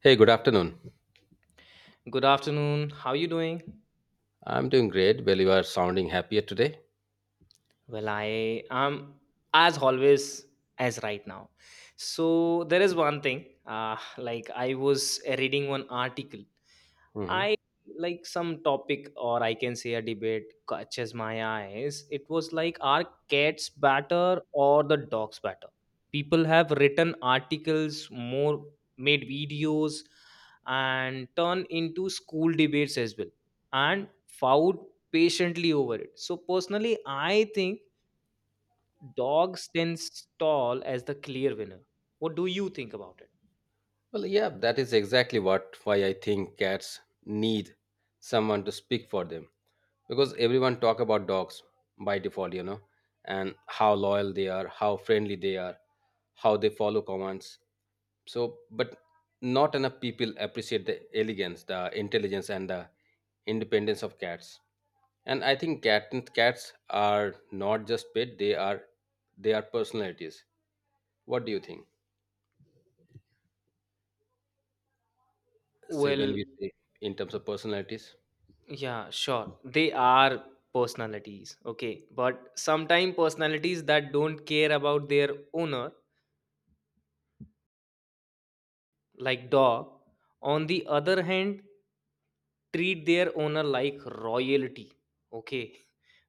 Hey, good afternoon. Good afternoon. How you doing? I'm doing great. Well, you are sounding happier today. Well, I am as always as right now. So there is one thing. Like I was reading one article, Mhm. I like some topic, or I can say a debate catches my eyes. It was like, are cats better or the dogs better? People have written articles, more, made videos, and turn into school debates as well, and fought patiently over it. So personally I think dogs stands tall as the clear winner. What do you think about it? Well, yeah, that is exactly what why I think cats need someone to speak for them, because everyone talk about dogs by default, you know, and how loyal they are, how friendly they are, how they follow commands. But not enough people appreciate the elegance, the intelligence and the independence of cats. And I think cats are not just pet, they are personalities. What do you think? So, when Well, we say in terms of personalities… yeah, sure. They are personalities, okay? But sometimes personalities that don't care about their owner, like dog, on the other hand, treat their owner like royalty, okay?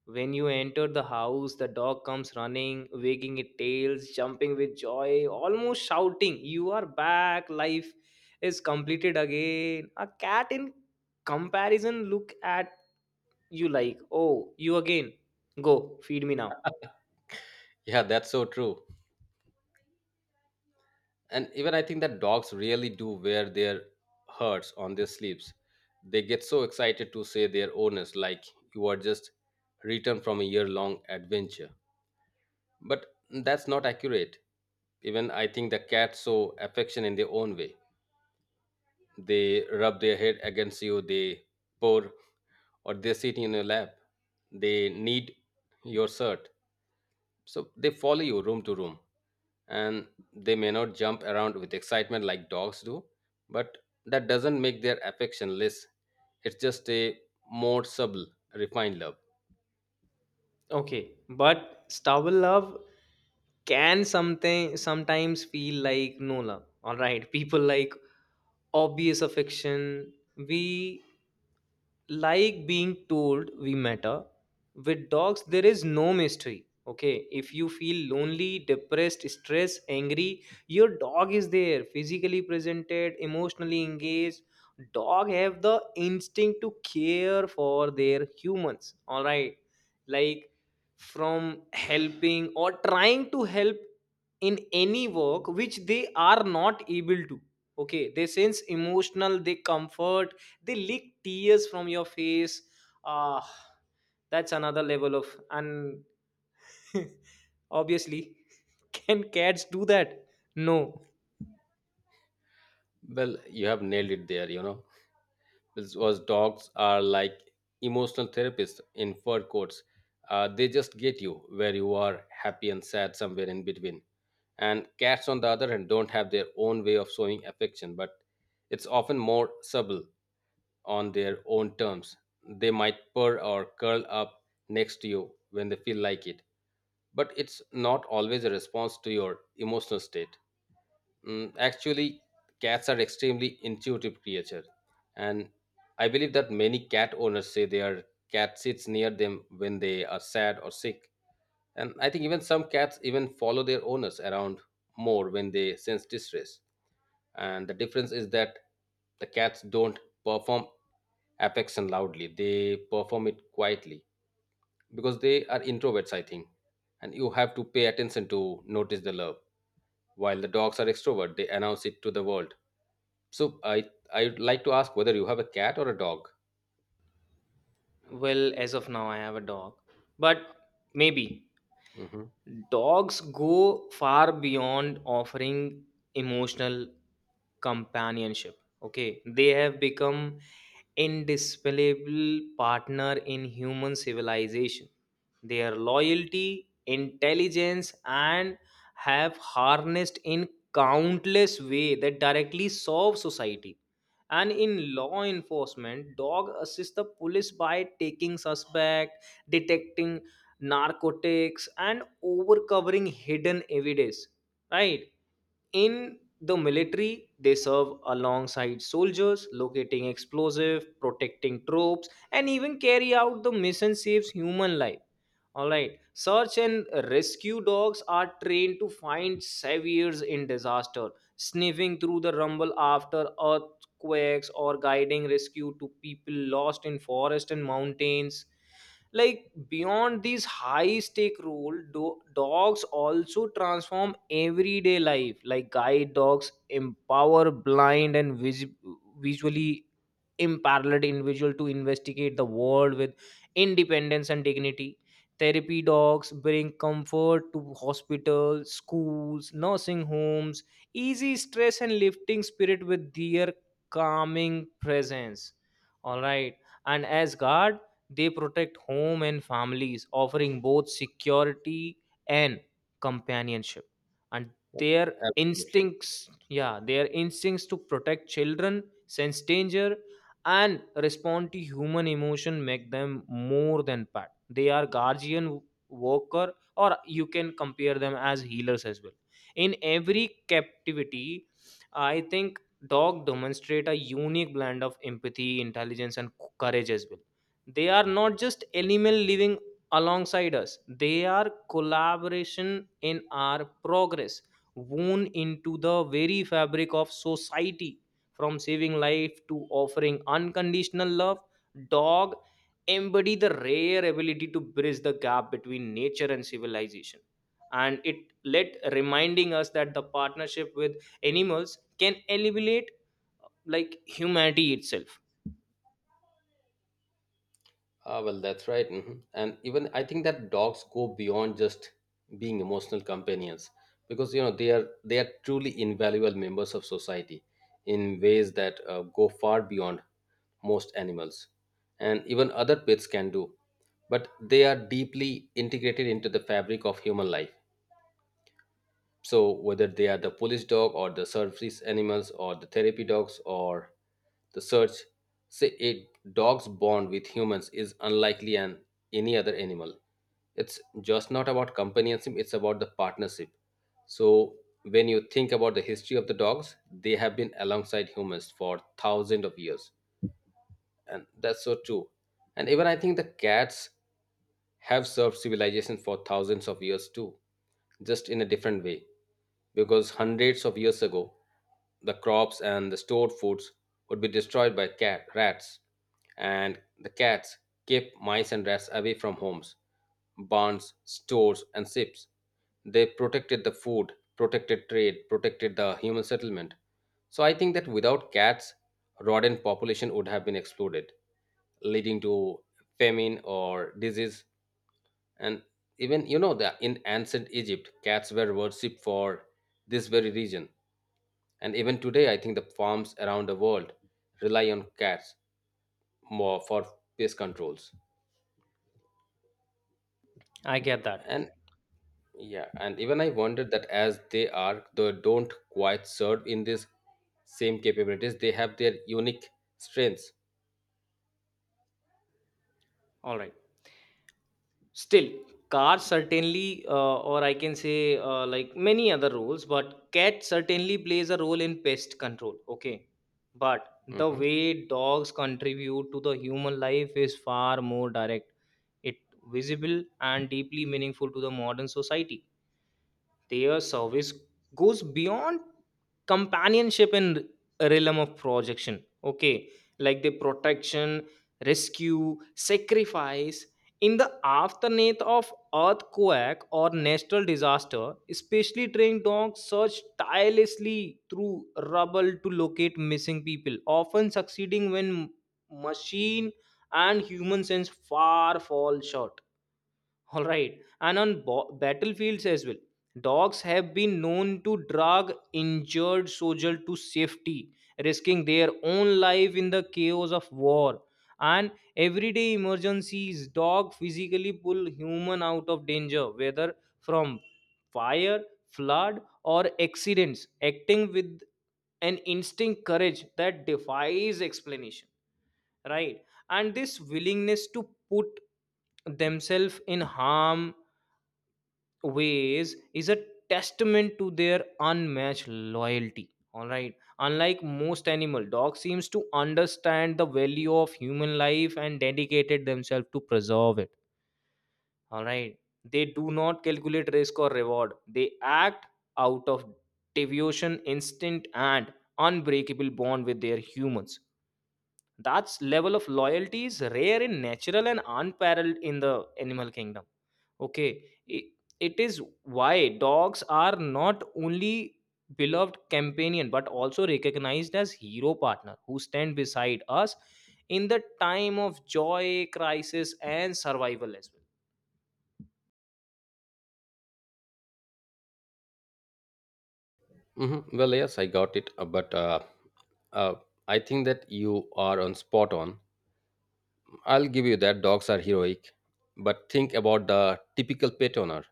When you enter the house, the dog comes running, wagging its tails, jumping with joy, almost shouting, you are back, life is completed again. A cat, in comparison, look at you like, oh, you again. Go, feed me now. Yeah, that's so true. And even I think that dogs really do wear their hurts on their sleeves. They get so excited to say their owners, like you are just returned from a year long adventure. But that's not accurate. Even I think the cats show affection in their own way. They rub their head against you, they purr, or they sit in your lap. They need your shirt. So they follow you room to room. And they may not jump around with excitement like dogs do, but that doesn't make their affection less. It's just a more subtle, refined love. Okay. But stubble love can something sometimes feel like no love. Alright. People like obvious affection. We like being told we matter. With dogs there is no mystery, okay? If you feel lonely, depressed, stressed, angry, your dog is there, physically presented, emotionally engaged. Dog have the instinct to care for their humans, all right? Like from helping or trying to help in any work which they are not able to, okay? They sense emotional, they comfort, they leak tears from your face. Ah, that's another level of, and obviously can cats do that? No. Well, you have nailed it there, you know. This was dogs are like emotional therapists in fur coats. They just get you where you are, happy and sad, somewhere in between. And cats, on the other hand, don't have their own way of showing affection, but it's often more subtle, on their own terms. They might purr or curl up next to you when they feel like it, but it's not always a response to your emotional state. Actually, cats are extremely intuitive creature, and I believe that many cat owners say their cat sits near them when they are sad or sick. And I think even some cats even follow their owners around more when they sense distress. And the difference is that the cats don't perform affection loudly; they perform it quietly because they are introverts, I think. And you have to pay attention to notice the love, while the dogs are extrovert, they announce it to the world. So I'd like to ask whether you have a cat or a dog. Well, as of now I have a dog, but maybe. Hmm. Dogs go far beyond offering emotional companionship. Okay, they have become indispensable partner in human civilization. Their loyalty, intelligence, and have harnessed in countless way that directly serve society. And in law enforcement, dog assist the police by taking suspect, detecting narcotics, and overcovering hidden evidence, right? In the military they serve alongside soldiers, locating explosive, protecting troops, and even carry out the mission saves human life, all right? Search and rescue dogs are trained to find saviors in disaster, sniffing through the rumble after earthquakes or guiding rescue to people lost in forest and mountains. Like, beyond these high stake role, dogs also transform everyday life. Like guide dogs empower blind and visually imparalleled individual to investigate the world with independence and dignity. Therapy dogs bring comfort to hospitals, schools, nursing homes, easy stress and lifting spirit with their calming presence. All right. And as God, they protect home and families, offering both security and companionship. And their Absolutely. instincts, yeah, their instincts to protect children, sense danger, and respond to human emotion make them more than pet. They are guardian, worker, or you can compare them as healers as well. In every captivity, I think dog demonstrate a unique blend of empathy, intelligence, and courage as well. They are not just animal living alongside us, they are collaboration in our progress, woven into the very fabric of society. From saving life to offering unconditional love, dog embody the rare ability to bridge the gap between nature and civilization. And it let reminding us that the partnership with animals can alleviate like humanity itself. Ah, well, that's right. Hmm. And even I think that dogs go beyond just being emotional companions, because you know they are truly invaluable members of society in ways that go far beyond most animals and even other pets can do. But they are deeply integrated into the fabric of human life. So, whether they are the police dog or the service animals or the therapy dogs or the search, say a dog's bond with humans is unlikely than any other animal. It's just not about companionship, it's about the partnership. So, when you think about the history of the dogs, they have been alongside humans for thousands of years. And that's so true. And even I think the cats have served civilization for thousands of years too, just in a different way, because hundreds of years ago, the crops and the stored foods would be destroyed by cat rats, and the cats kept mice and rats away from homes, barns, stores, and ships. They protected the food, protected trade, protected the human settlement. So I think that without cats, rodent population would have been exploded, leading to famine or disease. And even you know that in ancient Egypt, cats were worshipped for this very reason. And even today, I think the farms around the world rely on cats more for pest controls. I get that. And yeah, and even I wondered that as they are, they don't quite serve in this same capabilities. They have their unique strengths. All right. Still, cars certainly, or I can say like many other roles, but cat certainly plays a role in pest control. Okay. But the Hmm. way dogs contribute to the human life is far more direct, it visible and deeply meaningful to the modern society. Their service goes beyond companionship in realm of projection. Okay, like the protection, rescue, sacrifice in the aftermath of earthquake or natural disaster. Especially trained dogs search tirelessly through rubble to locate missing people, often succeeding when machine and human sense far fall short, all right. And on battlefields as well, dogs have been known to drag injured soldiers to safety, risking their own life in the chaos of war. And everyday emergencies, dog physically pull human out of danger, whether from fire, flood, or accidents, acting with an instinct courage that defies explanation, right? And this willingness to put themselves in harm ways is a testament to their unmatched loyalty. All right, unlike most animal, dog seems to understand the value of human life and dedicated themselves to preserve it, all right? They do not calculate risk or reward, they act out of devotion, instinct, and unbreakable bond with their humans. That level of loyalty is rare in natural and unparalleled in the animal kingdom. Okay, it is why dogs are not only beloved companion but also recognized as hero partner who stand beside us in the time of joy, crisis, and survival as well. Hmm. Well, yes, I got it, but uh, I think that you are on spot on. I'll give you that dogs are heroic, but think about the typical pet owner.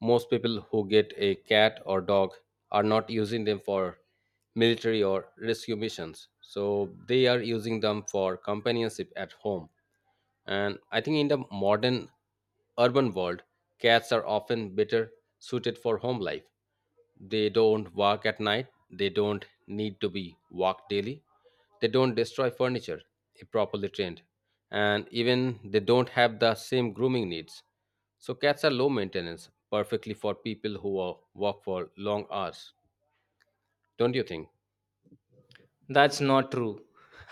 Most people who get a cat or dog are not using them for military or rescue missions. So they are using them for companionship at home. And I think in the modern urban world, cats are often better suited for home life. They don't walk at night. They don't need to be walked daily. They don't destroy furniture if properly trained. And even they don't have the same grooming needs. So cats are low maintenance, perfectly for people who are, walk for long hours. Don't you think? That's not true.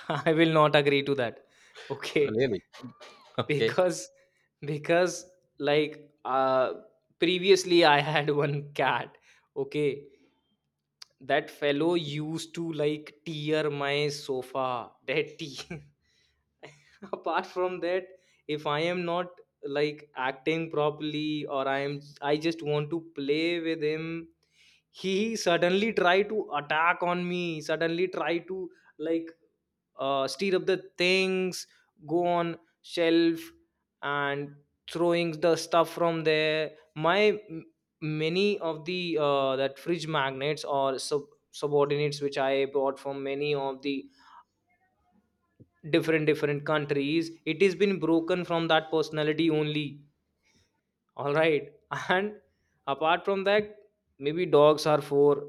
I will not agree to that. Okay. Really? Okay. because because, like, uh previously I had one cat, okay? That fellow used to like tear my sofa, that tea. Apart from that, if I am not like acting properly, or I am, I just want to play with him, he suddenly try to attack on me, suddenly try to, like, stir up the things, go on shelf and throwing the stuff from there. My m- many of the that fridge magnets or subordinates which I bought from many of the different different countries, it has been broken from that personality only, all right. And apart from that, maybe dogs are for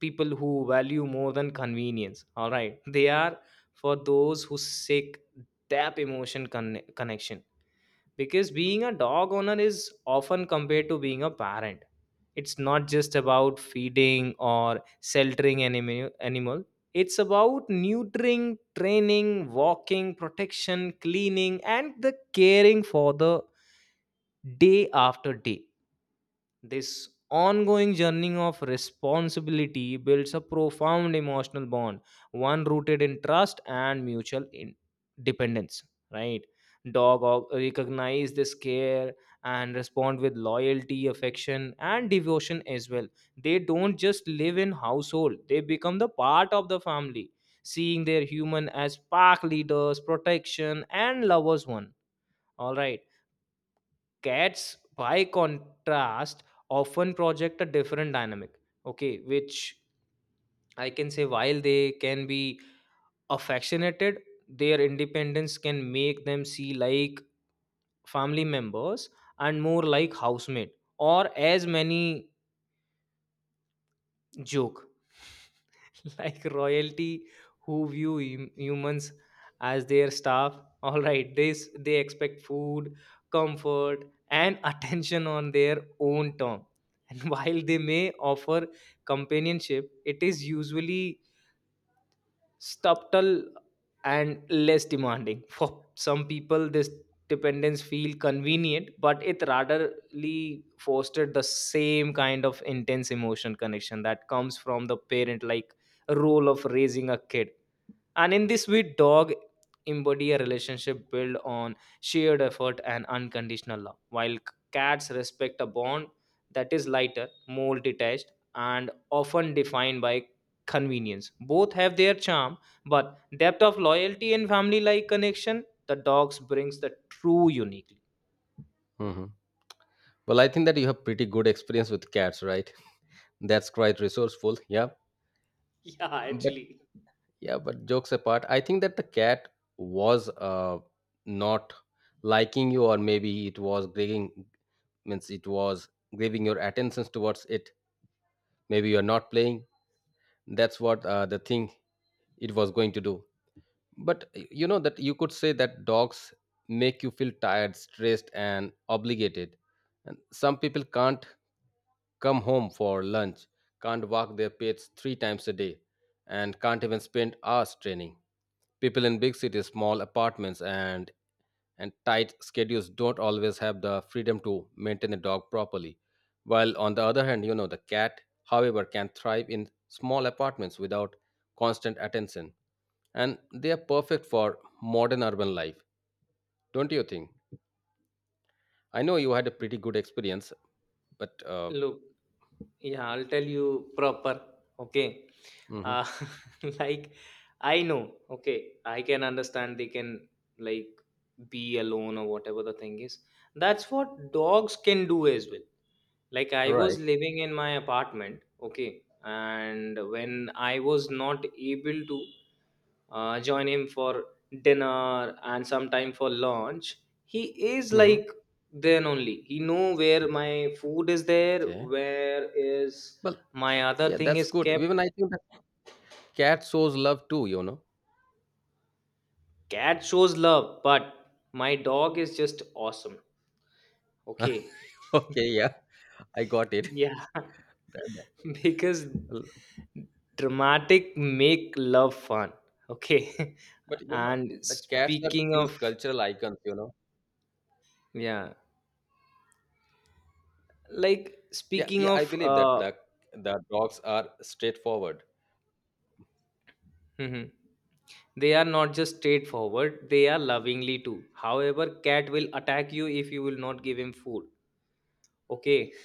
people who value more than convenience. All right, they are for those who seek deep emotion connection, because being a dog owner is often compared to being a parent. It's not just about feeding or sheltering animal, it's about neutering, training, walking, protection, cleaning, and the caring for the day after day. This ongoing journey of responsibility builds a profound emotional bond, one rooted in trust and mutual in- dependence. Right? Dog recognize this care and respond with loyalty, affection, and devotion as well. They don't just live in household; they become the part of the family, seeing their human as pack leaders, protection, and lovers one. All right. Cats, by contrast, often project a different dynamic, okay, which I can say, while they can be affectionated, their independence can make them see like family members and more like housemate, or as many joke like royalty who view humans as their staff. All right, they expect food, comfort, and attention on their own term, and while they may offer companionship, it is usually subtle and less demanding. For some people, this dependence feel convenient, but it ratherly fostered the same kind of intense emotion connection that comes from the parent, like role of raising a kid. And in this way, dog embody a relationship built on shared effort and unconditional love, while cats respect a bond that is lighter, more detached, and often defined by convenience. Both have their charm, but depth of loyalty and family like connection the dogs brings the true uniquely. Hmm. Well, I think that you have pretty good experience with cats, right? That's quite resourceful. Yeah. Yeah, actually. Yeah, but jokes apart, I think that the cat was not liking you, or maybe it was grabbing, means it was grabbing your attentions towards it. Maybe you're not playing. That's what the thing it was going to do. But you know that you could say that dogs make you feel tired, stressed, and obligated. And some people can't come home for lunch, can't walk their pets three times a day, and can't even spend hours training. People in big cities, small apartments, and tight schedules don't always have the freedom to maintain a dog properly. While on the other hand, you know, the cat, however, can thrive in small apartments without constant attention. And they are perfect for modern urban life, don't you think? I know you had a pretty good experience, but Look, yeah, I'll tell you proper. Okay. mhm. Uh, like, I know, okay, I can understand they can, like, be alone or whatever the thing is. That's what dogs can do as well. Like, I Right. was living in my apartment, okay, and when I was not able to join him for dinner and sometime for lunch, he is Hmm. like, then only he know where my food is there, Okay. where is Well, my other yeah, thing that's is good. kept. Even I think that cat shows love too, you know. Cat shows love, but my dog is just awesome, okay? Okay, yeah, I got it. Yeah, That- because that- dramatic make love fun, okay. But you know, And the cats are speaking of, huge cultural icons, you know. yeah, like Yeah, speaking yeah, I of believe that the dogs are straightforward. mhm. They are not just straightforward, they are lovingly too. However, cat will attack you if you will not give him food. Okay.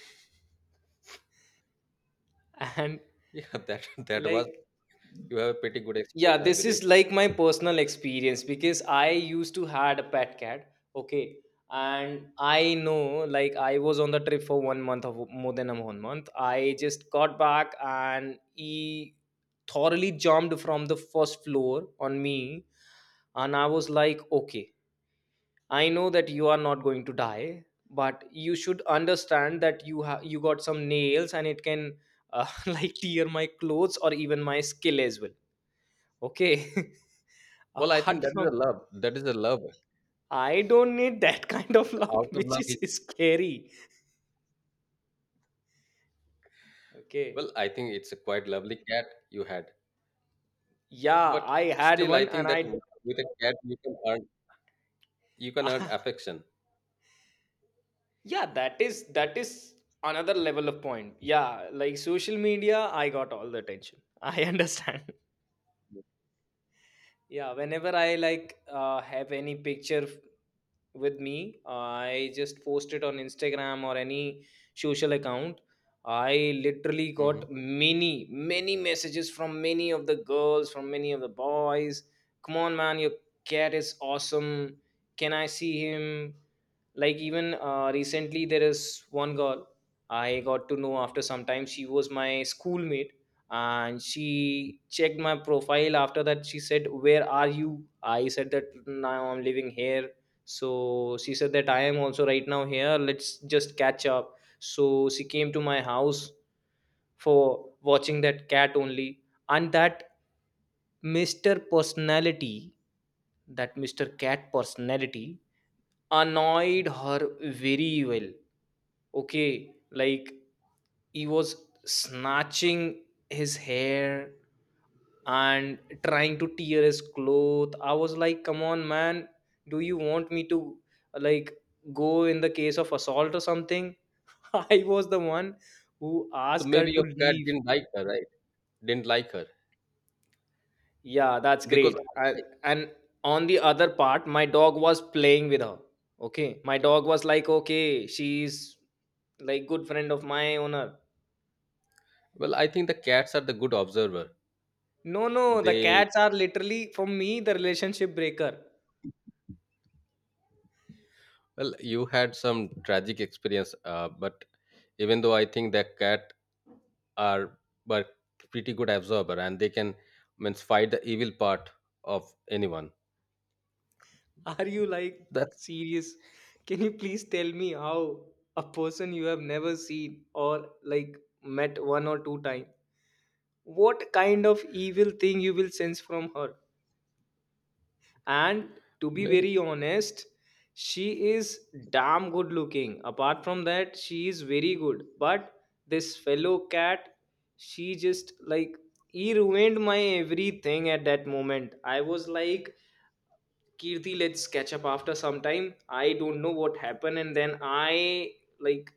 And, Yeah, that that was, like, you have a pretty good yeah, experience, I this is believe. like my personal experience because I used to had a pet cat, okay. And I know, like, I was on the trip for one month, of more than a one month. I just got back and he thoroughly jumped from the first floor on me, and I was like, okay, I know that you are not going to die, but you should understand that you have, you got some nails and it can like tear my clothes or even my skill as well. Okay. Well, I think Apart that is from, a love. That is a love. I don't need that kind of The out love, of which love. is It- scary. Okay. Well, I think it's a quite lovely cat you had. Yeah, But I had still, I one think and that I with a cat you can earn, you can earn affection. yeah, that is another level of point. Yeah, like social media, I got all the attention. I understand. Yeah, whenever I like have any picture with me, I just post it on Instagram or any social account. I literally Hmm. got many, many messages from many of the girls, from many of the boys. Come on, man, your cat is awesome. Can I see him? Like, even recently, there is one girl I got to know after some time. She was my schoolmate and she checked my profile. After that she said, where are you? I said that now I'm living here. So she said that I am also right now here. Let's just catch up. So she came to my house for watching that cat only. And that Mr. Personality, that Mr. Cat personality, annoyed her very well. Okay, like he was snatching his hair and trying to tear his cloth. I was like, come on man, do you want me to, like, go in the case of assault or something? I was the one who So asked her maybe to your cat leave. didn't like her, right? Didn't like her Yeah, that's because, great. And on the other part my dog was playing with her. Okay, my dog was like, okay, she's like good friend of my owner. well, I think the cats are the good observer. No, no, the They, cats are literally for me the relationship breaker. well, you had some tragic experience, but even though I think that cat are but pretty good absorber, and they can means fight the evil part of anyone. Are you like That's serious? Can you please tell me how a person you have never seen or like met one or two times? What kind of evil thing you will sense from her? And to be maybe. very honest, she is damn good looking. Apart from that she is very good, but this fellow cat, she just like, he ruined my everything. At that moment I was like, Kirti, let's catch up after some time. I don't know what happened, and then I, like,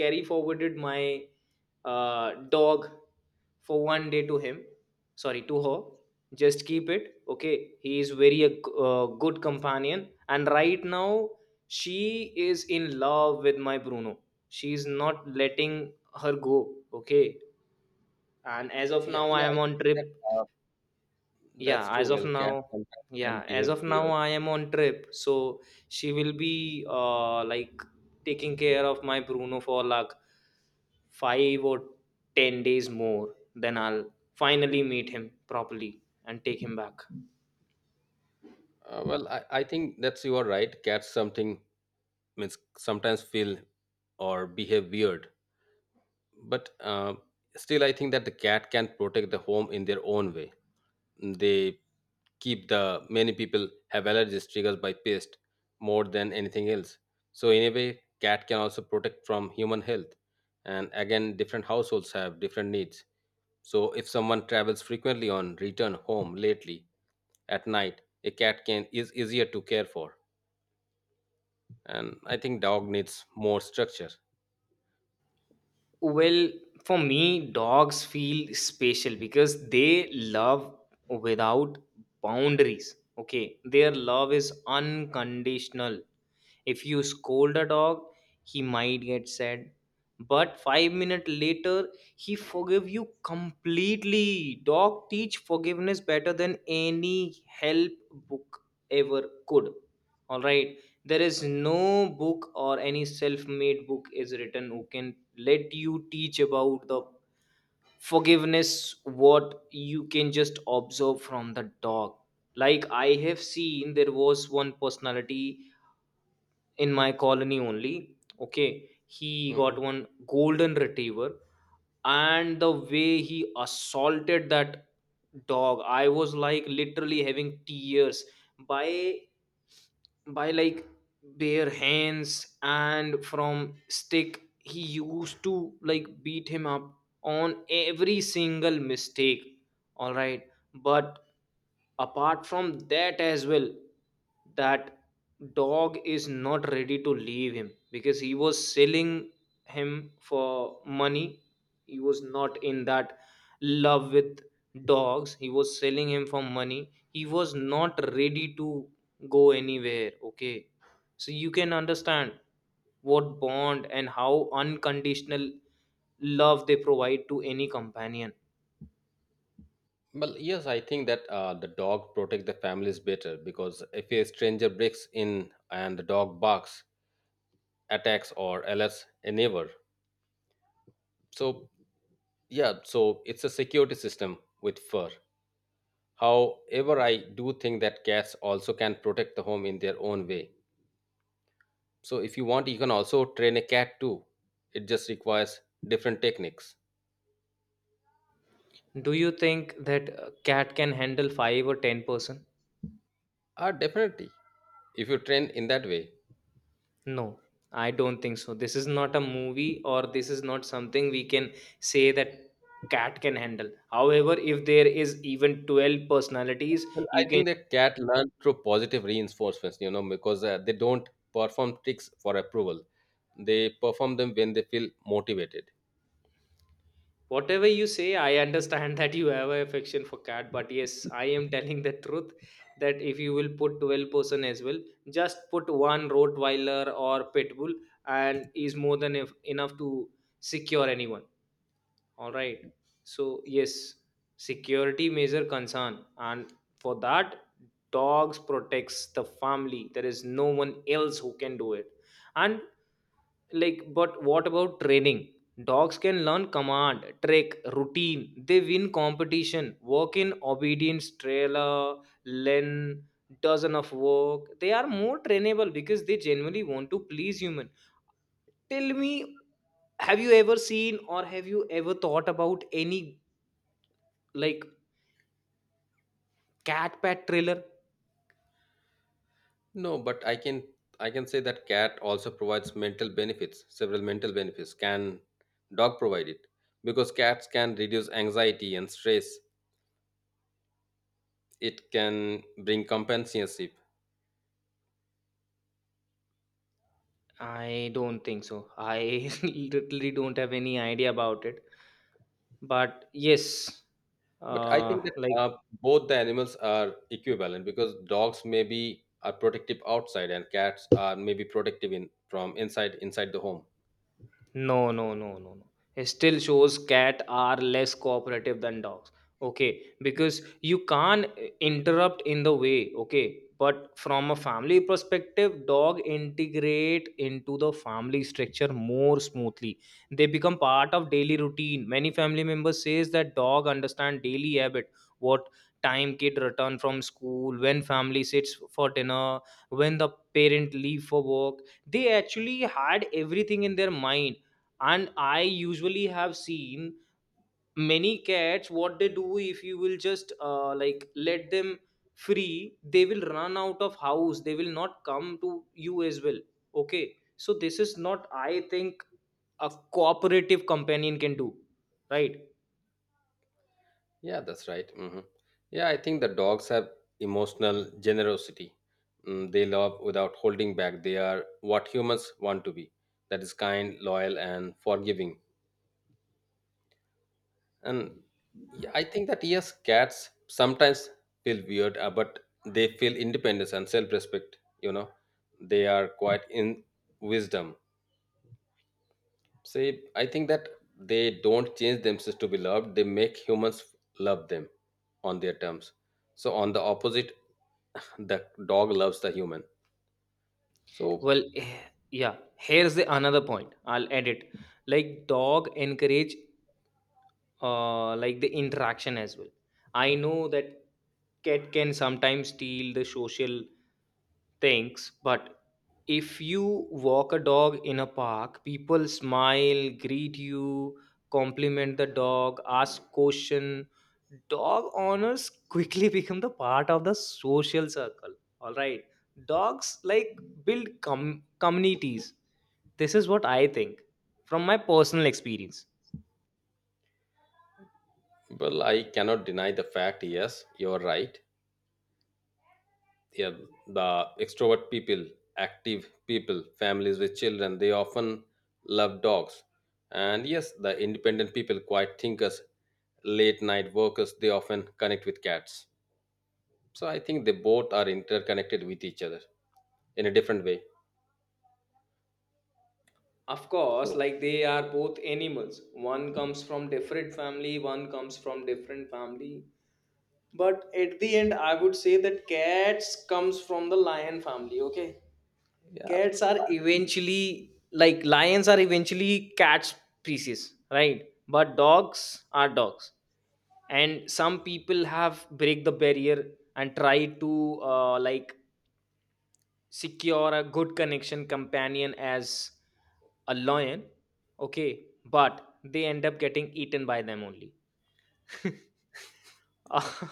carry forwarded my dog for 1 day to him, sorry, to her. Just keep it, okay, he is very a good companion. And right now she is in love with my Bruno. She is not letting her go. Okay, and as of Yeah, now I yeah, I am think on trip. that uh, that's Yeah, true. as of Well, cats now. sometimes can Yeah, as behave of now weird. I am on trip, so she will be like taking care of my Bruno for like 5 or 10 days more, then I'll finally meet him properly and take him back. Well, I think that's you are right. Cats something, means sometimes feel or behave weird, but still I think that the cat can protect the home in their own way. They keep the, many people have allergies triggered by pest more than anything else, so in a way cat can also protect from human health. And again different households have different needs. So if someone travels frequently on return home lately at night, a cat can is easier to care for. And I think dog needs more structure. Well, for me, dogs feel special because they love without boundaries. Okay, their love is unconditional. If you scold a dog, he might get sad, but 5 minutes later, he forgive you completely. Dog teach forgiveness better than any help book ever could. All right, there is no book or any self-made book is written who can let you teach about the forgiveness what you can just observe from the dog. Like, I have seen, there was one personality in my colony only, okay, he got Mhm. one golden retriever, and the way he assaulted that dog, I was like literally having tears. By, by, like, bare hands and from stick he used to like beat him up on every single mistake. All right, but apart from that as well, that dog is not ready to leave him. Because he was selling him for money, he was not in that love with dogs, he was selling him for money. He was not ready to go anywhere, okay? So you can understand what bond and how unconditional love they provide to any companion. Well, yes, I think that the dog protect the families better because if a stranger breaks in and the dog barks, attacks, or alerts a neighbor, so yeah, so it's a security system with fur. However, I do think that cats also can protect the home in their own way. So if you want, you can also train a cat too. It just requires different techniques. Do you think that a cat can handle 5 or 10 person? Ah, definitely. If you train in that way, No, I don't think so. This is not a movie, or this is not something we can say that cat can handle. However, if there is even 12 personalities, well, I you can, think that cat learn through positive reinforcements. You know, because they don't perform tricks for approval. They perform them when they feel motivated. whatever you say, I understand that you have a affection for cat, but yes, I am telling the truth that if you will put 12-person as well, just put one Rottweiler or Pitbull and is more than, if, enough to secure anyone. All right, so yes, security major concern, and for that dogs protects the family, there is no one else who can do it. And like, but what about training? Dogs can learn command, trick, routine. They win competition, work in obedience trailer, learn dozen of work. They are more trainable because they genuinely want to please human. Tell me, have you ever seen or have you ever thought about any, like, cat pet thriller? No, but I can, I can say that cat also provides mental benefits, several mental benefits. Can dog provide it? Because cats can reduce anxiety and stress. It can bring companionship. I don't think so. I literally don't have any idea about it, but yes, But I uh think that like. Both the animals are equivalent because dogs maybe are protective outside and cats are maybe protective in from inside the home. No, no, no, no, no. It still shows cat are less cooperative than dogs. Okay, because you can't interrupt in the way. Okay, but from a family perspective, dog integrate into the family structure more smoothly. They become part of daily routine. Many family members says that dog understand daily habit. What time kid return from school, when family sits for dinner, when the parent leave for work. They actually had everything in their mind. And I usually have seen many cats, what they do if you will just like let them free, they will run out of house, they will not come to you as well. Okay, so this is not, I think, a cooperative companion can do, right? Yeah, that's right. Hmm. Yeah, I think the dogs have emotional generosity. They love without holding back. They are what humans want to be. That is kind, loyal, and forgiving. And yeah, I think that yes, cats sometimes feel weird, but they feel independence and self-respect. You know, they are quite in wisdom. Say, I think that they don't change themselves to be loved. They make humans love them on their terms. So on the opposite, the dog loves the human, so Well, yeah, here's the another point I'll add it. Like, dog encourage like the interaction as well. I know that cat can sometimes steal the social things, but if you walk a dog in a park, people smile, greet you, compliment the dog, ask question. Dog owners quickly become the part of the social circle. All right, dogs like build communities. This is what I think from my personal experience. well, I cannot deny the fact, yes, you're right. Yeah, the extrovert people, active people, families with children, they often love dogs. And yes, the independent people, quiet thinkers, late night workers, they often connect with cats. So I think they both are interconnected with each other in a different way, Of course, so like they are both animals, one comes from different family one comes from different family. But at the end, I would say that cats comes from the lion family. Okay, yeah. cats are eventually, like, lions are eventually cat species, right? But dogs are dogs, and some people have break the barrier and try to, like, secure a good connection companion as a lion. Okay, but they end up getting eaten by them only.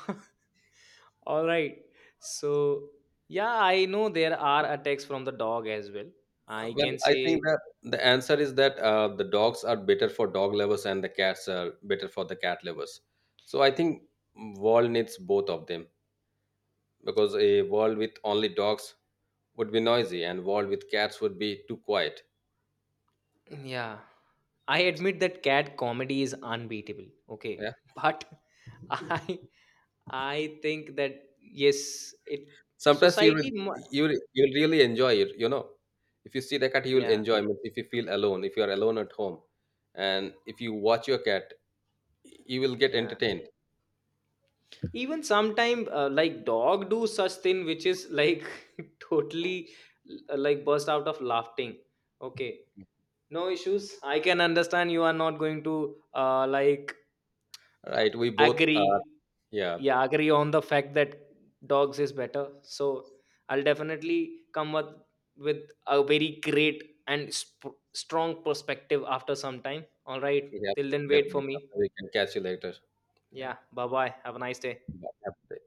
All right. So, yeah, I know there are attacks from the dog as well, I Well, can I think say. that the answer is that the dogs are better for dog lovers and the cats are better for the cat lovers. So I think world needs both of them, because a world with only dogs would be noisy and world with cats would be too quiet. Yeah, I admit that cat comedy is unbeatable. Okay. Yeah. But I I think that yes, it Sometimes you will, society you'll really enjoy it. You know, if you see the cat, you will yeah, enjoy. Means if you feel alone, if you are alone at home, and if you watch your cat, you will get yeah. entertained. Even sometime like dog do such thing which is like totally, like, burst out of laughing. Okay. No issues, I can understand you are not going to, like, Right? We both are. agree. Yeah. Yeah, agree on the fact that dogs is better. So I'll definitely come up with a very great and strong perspective after some time. All right, Yeah, till then wait for definitely. me. We can catch you later. Yeah. Yeah, bye bye, have a nice day. Bye.